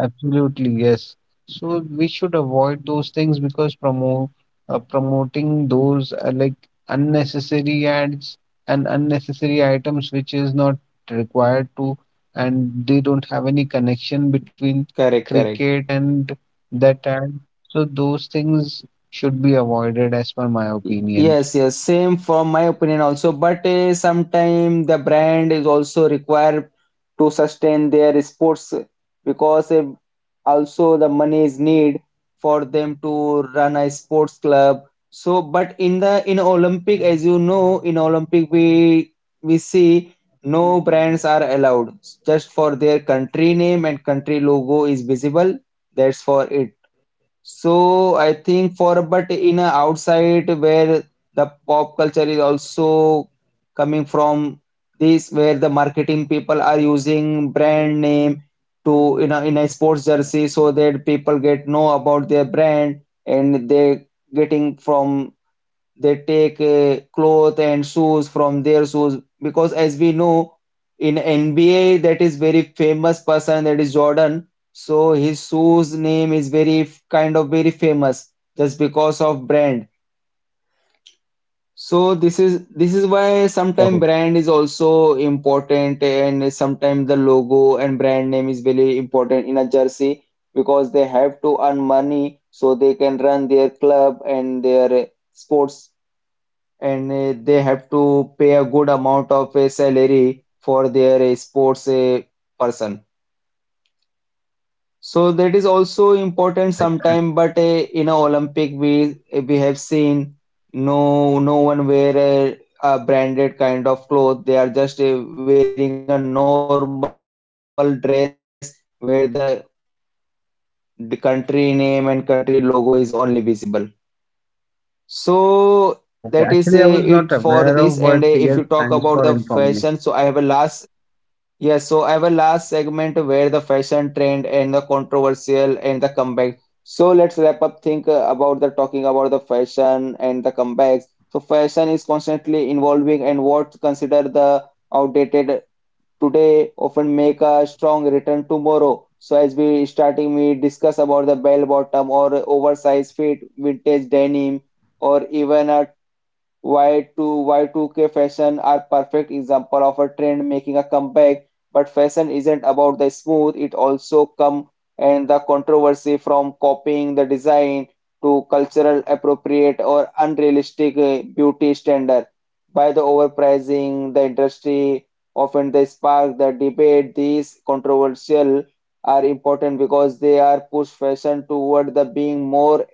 S2: Absolutely, yes. So we should avoid those things because promo uh, promoting those uh, like unnecessary ads and unnecessary items which is not required to, and they don't have any connection between
S1: Correct. Correct.
S2: cricket and that ad. So those things should be avoided as per my
S1: Y-
S2: opinion.
S1: Yes, yes, same from my opinion also. But uh, sometimes the brand is also required to sustain their sports, because uh, also the money is need for them to run a sports club. So, but in the in Olympic, as you know, in Olympic we we see no brands are allowed. Just for their country name and country logo is visible. That's for it. So I think for but in a outside where the pop culture is also coming from this, where the marketing people are using brand name to in a in a sports jersey so that people get know about their brand and they getting from they take uh, clothes and shoes from their shoes, because as we know in N B A that is very famous person that is Jordan, so his shoes name is very f- kind of very famous just because of brand. So this is this is why sometimes
S2: Correct.
S1: brand is also important, and sometimes the logo and brand name is very important in a jersey because they have to earn money so they can run their club and their uh, sports, and uh, they have to pay a good amount of uh, salary for their uh, sports uh, person. So that is also important sometime, but uh,
S2: Correct.
S1: in a
S2: Uh,
S1: Olympic we we have seen no no one wear a, a branded kind of cloth. They are just uh, wearing a normal dress where the, the country name and country logo is only visible. So that is uh, it for this. And uh,
S2: Okay.
S1: if you
S2: Actually,
S1: talk
S2: I was
S1: about
S2: not
S1: the
S2: aware of,
S1: fashion, so
S2: but
S1: I have a
S2: yes,
S1: last.
S2: thanks for informing me.
S1: Yes, so our last segment where the fashion trend and the controversial and the comeback. So let's wrap up think uh, about the talking about the fashion and the comebacks. So fashion is constantly evolving and what's considered the outdated today often make a strong return tomorrow. So as we starting we discuss about the bell bottom or oversized fit, vintage denim or even a Y2, Y two K fashion are perfect example of a trend making a comeback, but fashion isn't about the smooth, it also come and the controversy from copying the design to cultural appropriate or unrealistic uh, beauty standard. By the overpricing, the industry often they spark the debate. These controversial are important because they are push fashion toward the being more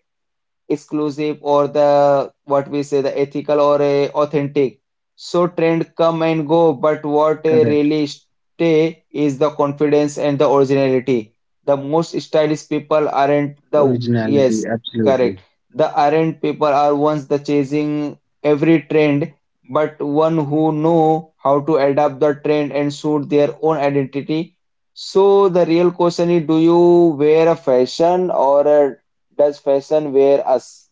S1: exclusive or the what we say the ethical or a authentic. So trend come and go but what a
S2: Correct.
S1: really stay is the confidence and the originality. The most stylish people aren't the
S2: Originality,
S1: yes
S2: absolutely.
S1: correct the aren't people are ones the chasing every trend, but one who know how to adapt the trend and suit their own identity. So the real question is, do you wear a fashion or a does fashion wear us?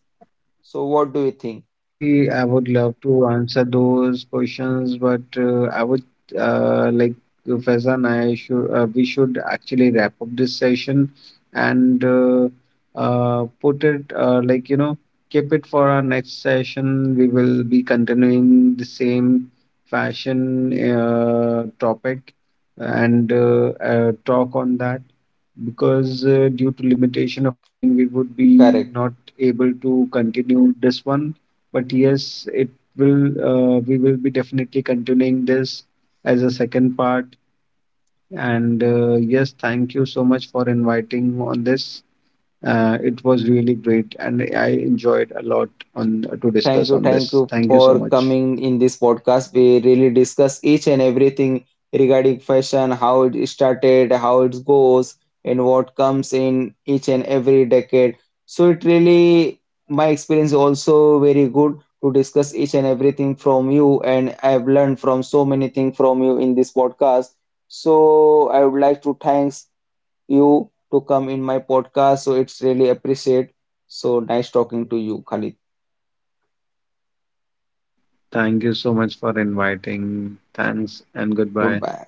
S1: So what do you think?
S2: Actually, I would love to answer those questions, but uh, I would uh, like uh, Faizan, I should, uh, we should actually wrap up this session and uh, uh, put it, uh, like you know keep it for our next session. We will be continuing the same fashion uh, topic and uh, uh, talk on that because uh, due to limitation of time we would be
S1: Correct.
S2: not able to continue this one, but yes, it will, uh, we will be definitely continuing this as a second part, and uh, yes, thank you so much for inviting on this. uh, it was really great and I enjoyed a lot on to
S1: Thank
S2: discuss
S1: you,
S2: on
S1: thank
S2: this.
S1: you
S2: Thank you so
S1: for
S2: much.
S1: coming in this podcast. We really discuss each and everything regarding fashion, how it started, how it goes, and what comes in each and every decade. So it really my experience also very good to discuss each and everything from you, and I've learned from so many things from you in this podcast. So I would like to thanks you to come in my podcast. So it's really appreciate. So nice talking to you, Khalid.
S2: Thank you so much for inviting. Thanks and goodbye.
S1: Goodbye.